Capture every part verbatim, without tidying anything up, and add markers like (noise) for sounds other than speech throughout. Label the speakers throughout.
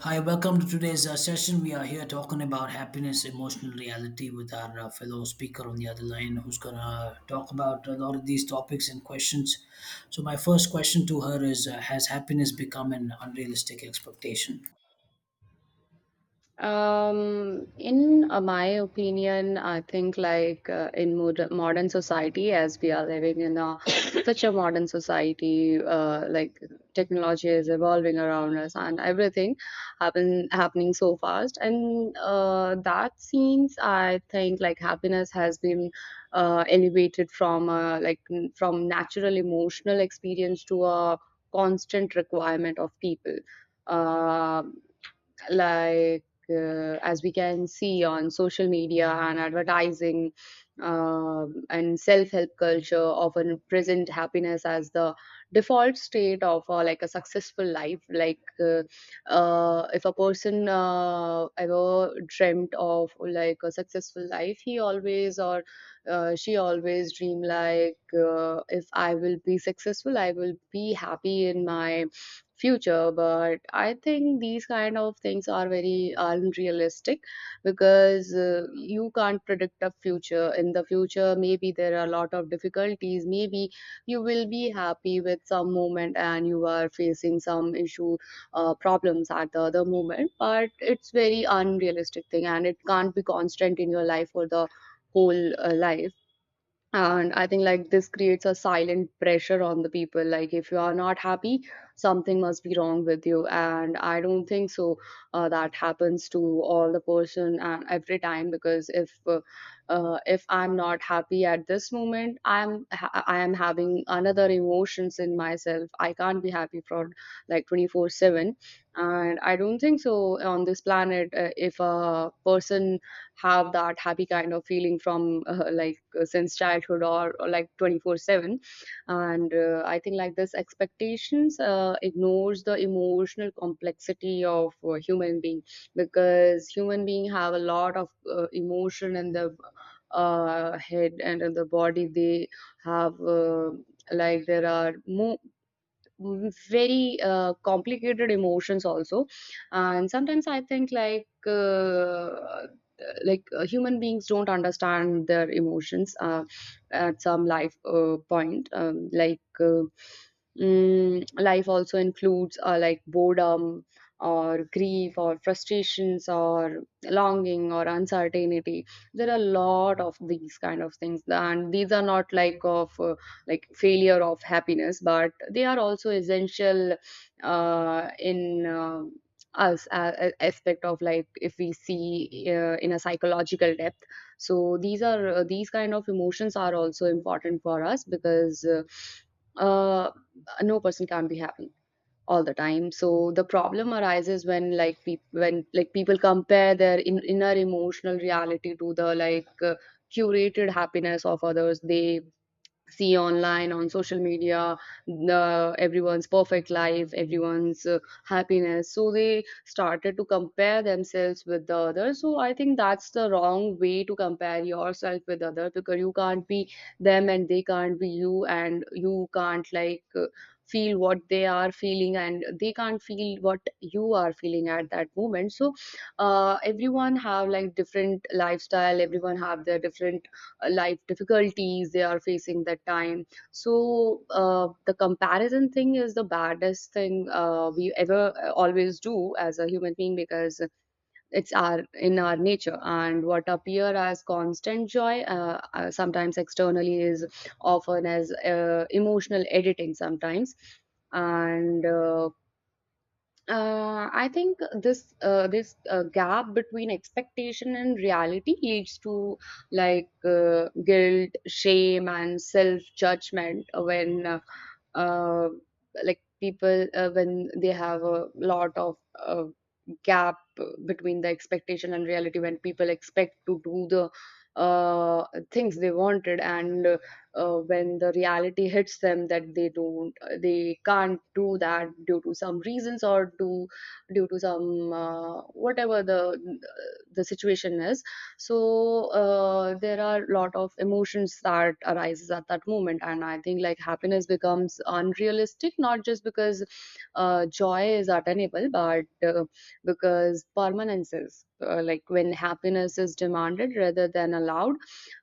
Speaker 1: Hi, welcome to today's uh, session. We are here talking about happiness, emotional reality with our uh, fellow speaker on the other line who's going to talk about a lot of these topics and questions. So, my first question to her is uh, has happiness become an unrealistic expectation?
Speaker 2: Um, in uh, my opinion, I think like uh, in mod- modern society, as we are living in a (coughs) such a modern society, uh, like technology is evolving around us and everything happen happening so fast. And uh, that seems, I think, like happiness has been uh, elevated from uh, like n- from natural emotional experience to a constant requirement of people. Uh, like uh, as we can see on social media and advertising, um, and self-help culture often present happiness as the default state of uh, like a successful life. Like uh, uh, if a person uh, ever dreamt of like a successful life, he always, or uh, she always dream like, uh, if I will be successful, I will be happy in my future. But I think these kind of things are very unrealistic, because uh, you can't predict a future. In the future, maybe there are a lot of difficulties. Maybe you will be happy with some moment and you are facing some issue uh, problems at the other moment. But it's very unrealistic thing and it can't be constant in your life for the whole uh, life. And I think like this creates a silent pressure on the people, like if you are not happy, something must be wrong with you. And I don't think so uh, that happens to all the person and every time. Because if uh, uh, if I'm not happy at this moment, i'm ha- I am having another emotions in myself. I can't be happy for like twenty four seven. And I don't think so, on this planet, uh, if a person have that happy kind of feeling from uh, like uh, since childhood or, or like twenty four seven. And uh, I think like this expectations uh, ignores the emotional complexity of uh, human being, because human being have a lot of uh, emotion in the uh, head and in the body. They have uh, like there are more very uh, complicated emotions also. And sometimes I think like uh, like uh, human beings don't understand their emotions uh, at some life uh, point um, like uh, mm, Life also includes uh, like boredom or grief or frustrations or longing or uncertainty. There are a lot of these kind of things, and these are not like of uh, like failure of happiness, but they are also essential uh, in um us uh, a- aspect of like if we see uh, in a psychological depth. So these are uh, these kind of emotions are also important for us. Because uh, uh, no person can be happy all the time. So the problem arises when like peop when like people compare their in- inner emotional reality to the like uh, curated happiness of others they see online on social media, the everyone's perfect life, everyone's uh, happiness. So they started to compare themselves with the others. So I think that's the wrong way, to compare yourself with other, because you can't be them and they can't be you, and you can't like uh, feel what they are feeling and they can't feel what you are feeling at that moment. So uh, everyone have like different lifestyle, everyone have their different life difficulties they are facing that time. So uh, the comparison thing is the baddest thing uh, we ever uh, always do as a human being, because it's our in our nature. And what appear as constant joy uh, uh, sometimes externally is often as uh, emotional editing sometimes. And uh, uh, I think this uh, this uh, gap between expectation and reality leads to like uh, guilt, shame, and self judgment. When uh, uh, like people uh, when they have a lot of uh, gap between the expectation and reality, when people expect to do the uh, things they wanted, and uh, uh, when the reality hits them that they don't, they can't do that due to some reasons, or due due to some uh, whatever the the situation is. So uh, there are a lot of emotions that arises at that moment. And I think like happiness becomes unrealistic not just because uh, joy is attainable, but uh, because permanence is, uh, like when happiness is demanded rather than allowed,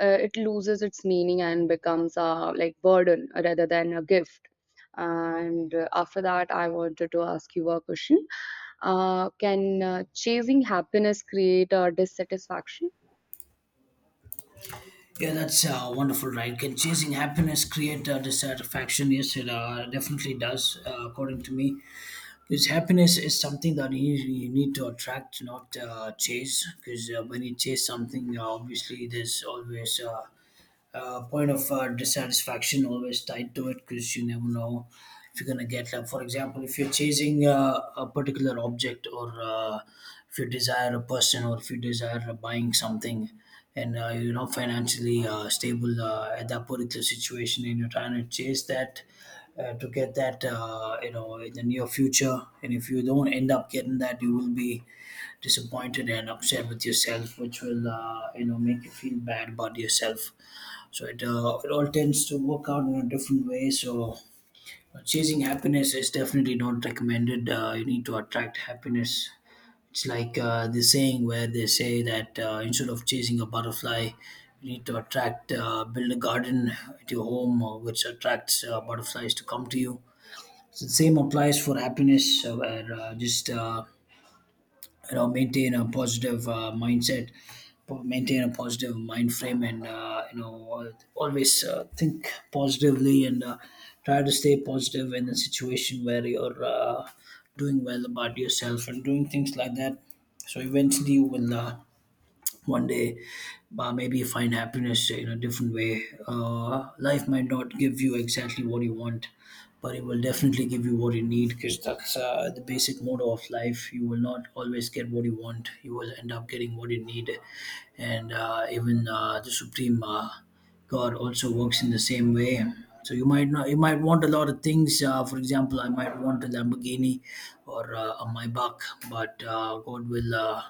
Speaker 2: uh, it loses its meaning and becomes a like burden rather than a gift. And uh, after that, I wanted to ask you a question: uh, can uh, chasing happiness create a dissatisfaction?
Speaker 1: Yeah, that's uh, wonderful, right? Can chasing happiness create uh, dissatisfaction? Yes, it uh, definitely does, uh, according to me. Because happiness is something that you, you need to attract, not uh, chase. Because uh, when you chase something, uh, obviously there's always uh, uh, point of uh, dissatisfaction always tied to it, because you never know if you're going to get, like, for example, if you're chasing uh, a particular object, or uh, if you desire a person, or if you desire uh, buying something, and uh, you're not financially uh, stable uh, at that particular situation, and you're trying to chase that uh, to get that, uh, you know, in the near future, and if you don't end up getting that, you will be disappointed and upset with yourself, which will, uh, you know, make you feel bad about yourself. So it, uh, it all tends to work out in a different way. So chasing happiness is definitely not recommended. Uh, you need to attract happiness. It's like uh, the saying where they say that, uh, instead of chasing a butterfly, you need to attract, uh, build a garden at your home, uh, which attracts uh, butterflies to come to you. So the same applies for happiness, uh, where uh, just uh, you know, maintain a positive uh, mindset, po- maintain a positive mind frame, and uh, you know, al- always uh, think positively, and uh, try to stay positive in a situation where you're uh, doing well about yourself and doing things like that. So eventually you will, uh, one day, uh, maybe find happiness in a different way. Uh, life might not give you exactly what you want, but it will definitely give you what you need, because that's uh, the basic motto of life. You will not always get what you want, you will end up getting what you need. And uh, even uh, the supreme, uh, God, also works in the same way. So you might not, you might want a lot of things. Uh, for example, I might want a Lamborghini, or uh, a Maybach, but uh, God will uh,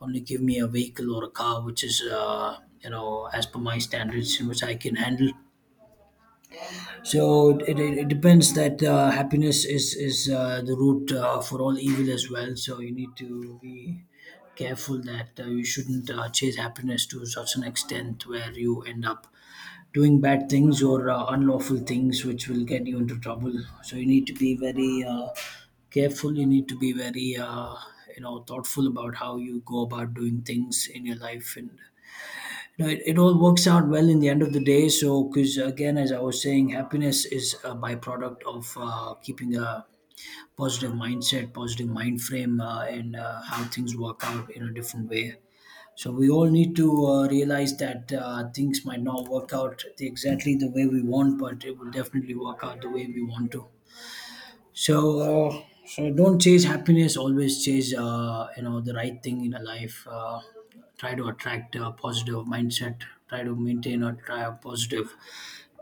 Speaker 1: only give me a vehicle or a car which is, uh, you know, as per my standards, which I can handle. So it, it, it depends that, uh, happiness is is uh, the root uh, for all evil as well. So you need to be careful that, uh, you shouldn't uh, chase happiness to such an extent where you end up doing bad things, or uh, unlawful things, which will get you into trouble. So you need to be very, uh, careful, you need to be very, uh, you know, thoughtful about how you go about doing things in your life. And you know, it, it all works out well in the end of the day. So, because again, as I was saying, happiness is a byproduct of, uh, keeping a positive mindset, positive mind frame, uh, and uh, how things work out in a different way. So we all need to uh, realize that, uh, things might not work out the- exactly the way we want, but it will definitely work out the way we want to. So, uh, so don't chase happiness. Always chase, uh, you know, the right thing in a life. Uh, try to attract a positive mindset. Try to maintain or try a positive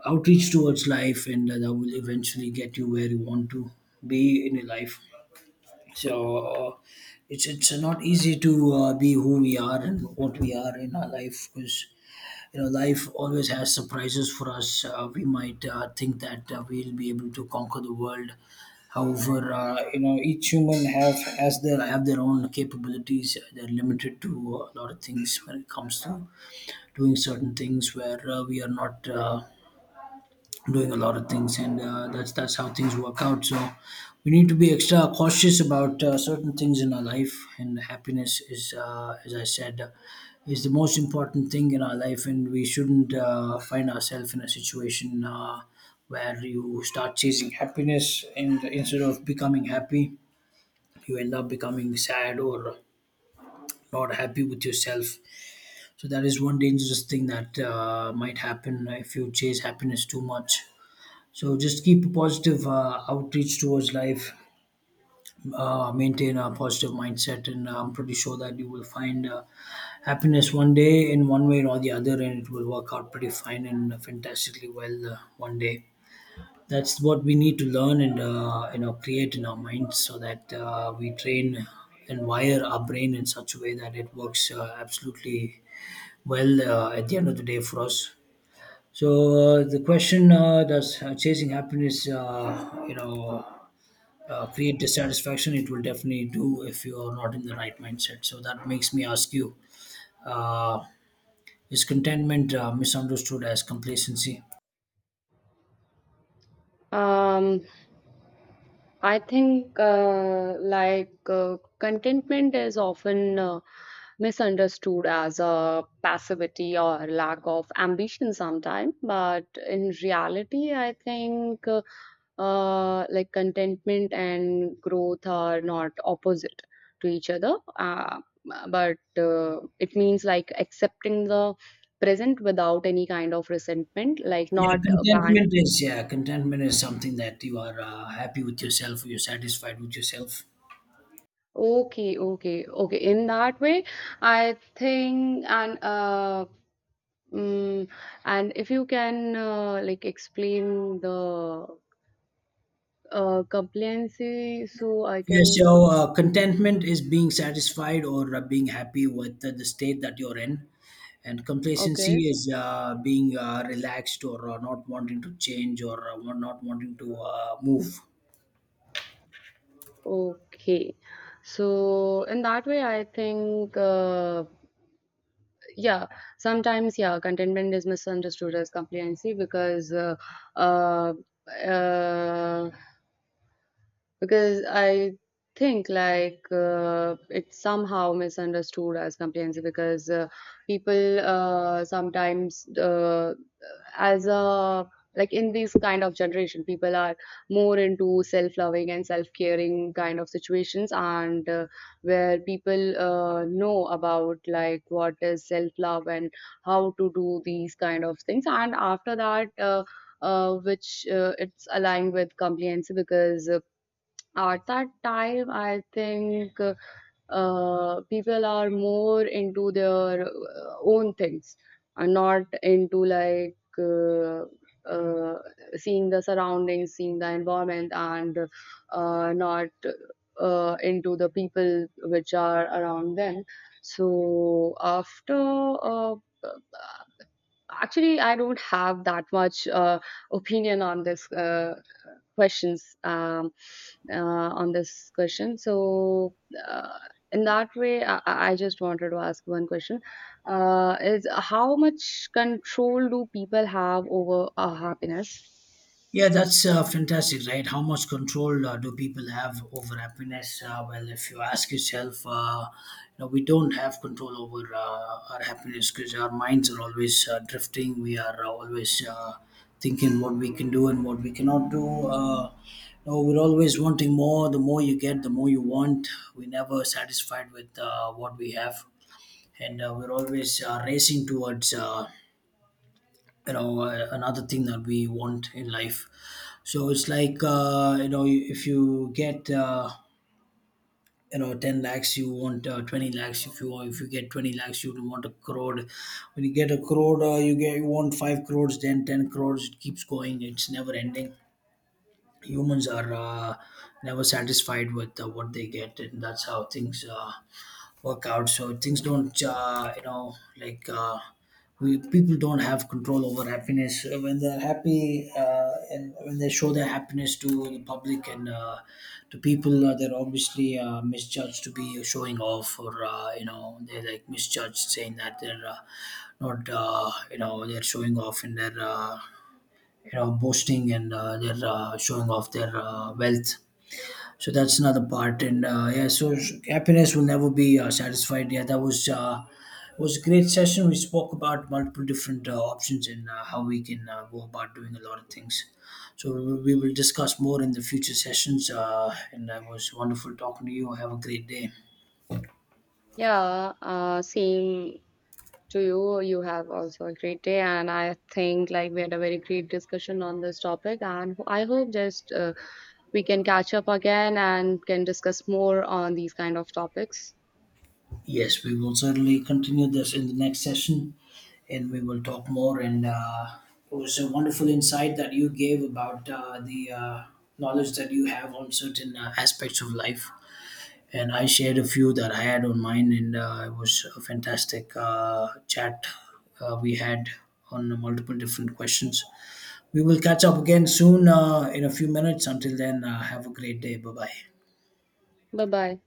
Speaker 1: outreach towards life, and that will eventually get you where you want to be in your life. So uh, it's, it's not easy to uh, be who we are and what we are in our life, because you know, life always has surprises for us. Uh, we might uh, think that, uh, we'll be able to conquer the world. However, uh, you know, each human have has their have their own capabilities. Uh, they're limited to a lot of things when it comes to doing certain things where, uh, we are not uh, doing a lot of things, and uh, that's that's how things work out. So we need to be extra cautious about, uh, certain things in our life, and happiness is, uh, as I said, is the most important thing in our life, and we shouldn't uh, find ourselves in a situation uh, where you start chasing happiness, and instead of becoming happy, you end up becoming sad, or not happy with yourself. So that is one dangerous thing that uh, might happen if you chase happiness too much. So just keep a positive, uh, outreach towards life, uh, maintain a positive mindset, and I'm pretty sure that you will find, uh, happiness one day, in one way or the other, and it will work out pretty fine and fantastically well uh, one day. That's what we need to learn and, uh, you know, create in our minds, so that, uh, we train and wire our brain in such a way that it works, uh, absolutely well uh, at the end of the day for us. So uh, the question uh, does uh, chasing happiness, uh, you know, uh, create dissatisfaction, it will definitely do if you are not in the right mindset. So that makes me ask you, uh, is contentment uh, misunderstood as complacency?
Speaker 2: Um, I think uh, like uh, contentment is often uh, misunderstood as a passivity or lack of ambition sometimes, but in reality, I think uh, uh, like contentment and growth are not opposite to each other, uh, but uh, it means like accepting the present without any kind of resentment, like
Speaker 1: Yeah,
Speaker 2: not.
Speaker 1: contentment is yeah contentment is something that you are uh, happy with yourself, or you're satisfied with yourself.
Speaker 2: Okay, okay, okay. In that way, I think. and uh mm, and if you can uh, like explain the uh compliancy, so I
Speaker 1: Yeah, so
Speaker 2: can.
Speaker 1: uh, contentment is being satisfied, or uh, being happy with the, the state that you're in, and complacency
Speaker 2: Okay.
Speaker 1: is uh, being uh, relaxed, or uh, not wanting to change, or uh, not wanting to uh, move.
Speaker 2: Okay. So in that way I think, uh yeah, sometimes, yeah, contentment is misunderstood as compliancy because uh uh, uh because I think like uh, it's somehow misunderstood as complacency, because uh, people uh, sometimes, uh, as a like in this kind of generation, people are more into self-loving and self-caring kind of situations. And uh, where people uh, know about like what is self-love and how to do these kind of things. And after that, uh, uh, which uh, it's aligned with compliance. Because uh, at that time, I think, uh, uh, people are more into their uh, own things and not into like uh, uh, seeing the surroundings, seeing the environment, and uh, not uh, into the people which are around them. So after, uh, actually, I don't have that much uh, opinion on this uh, questions um, uh, on this question. So, uh, in that way, I, I just wanted to ask one question: uh, is how much control do people have over our happiness?
Speaker 1: Yeah, that's uh, fantastic, right? How much control uh, do people have over happiness? Uh, well, if you ask yourself, uh, you know, we don't have control over uh, our happiness, because our minds are always uh, drifting. We are always uh, thinking what we can do and what we cannot do. Uh, you know, we're always wanting more. The more you get, the more you want. We're never satisfied with uh, what we have, and uh, we're always uh, racing towards, uh, you know, uh, another thing that we want in life. So it's like, uh, you know, if you get, uh, you know, ten lakhs, you want uh, twenty lakhs. If you want, if you get twenty lakhs, you want a crore. When you get a crore, uh, you get you want five crores, then ten crores. It keeps going, it's never ending. Humans are uh, never satisfied with uh, what they get, and that's how things uh, work out. So things don't, uh, you know, like, uh, we people don't have control over happiness. Uh, when they're happy, uh, and when they show their happiness to the public and, uh, to people, uh, they're obviously uh, misjudged to be showing off, or, uh, you know, they're, like, misjudged, saying that they're, uh, not, uh, you know, they're showing off, and they're, uh, you know, boasting, and uh, they're uh, showing off their uh, wealth. So that's another part, and uh, yeah, so, s- happiness will never be uh, satisfied. Yeah, that was uh, it was a great session. We spoke about multiple different uh, options, and uh, how we can uh, go about doing a lot of things. So we will we will discuss more in the future sessions. Uh, and it was wonderful talking to you. Have a great day.
Speaker 2: Yeah, uh, same to you. You have also a great day. And I think like we had a very great discussion on this topic, and I hope just uh, we can catch up again and can discuss more on these kind of topics.
Speaker 1: Yes, we will certainly continue this in the next session, and we will talk more. And uh, it was a wonderful insight that you gave about, uh, the uh, knowledge that you have on certain uh, aspects of life, and I shared a few that I had on mine, and uh, it was a fantastic uh, chat uh, we had on multiple different questions. We will catch up again soon uh, in a few minutes. Until then, uh, have a great day. Bye bye.
Speaker 2: Bye bye.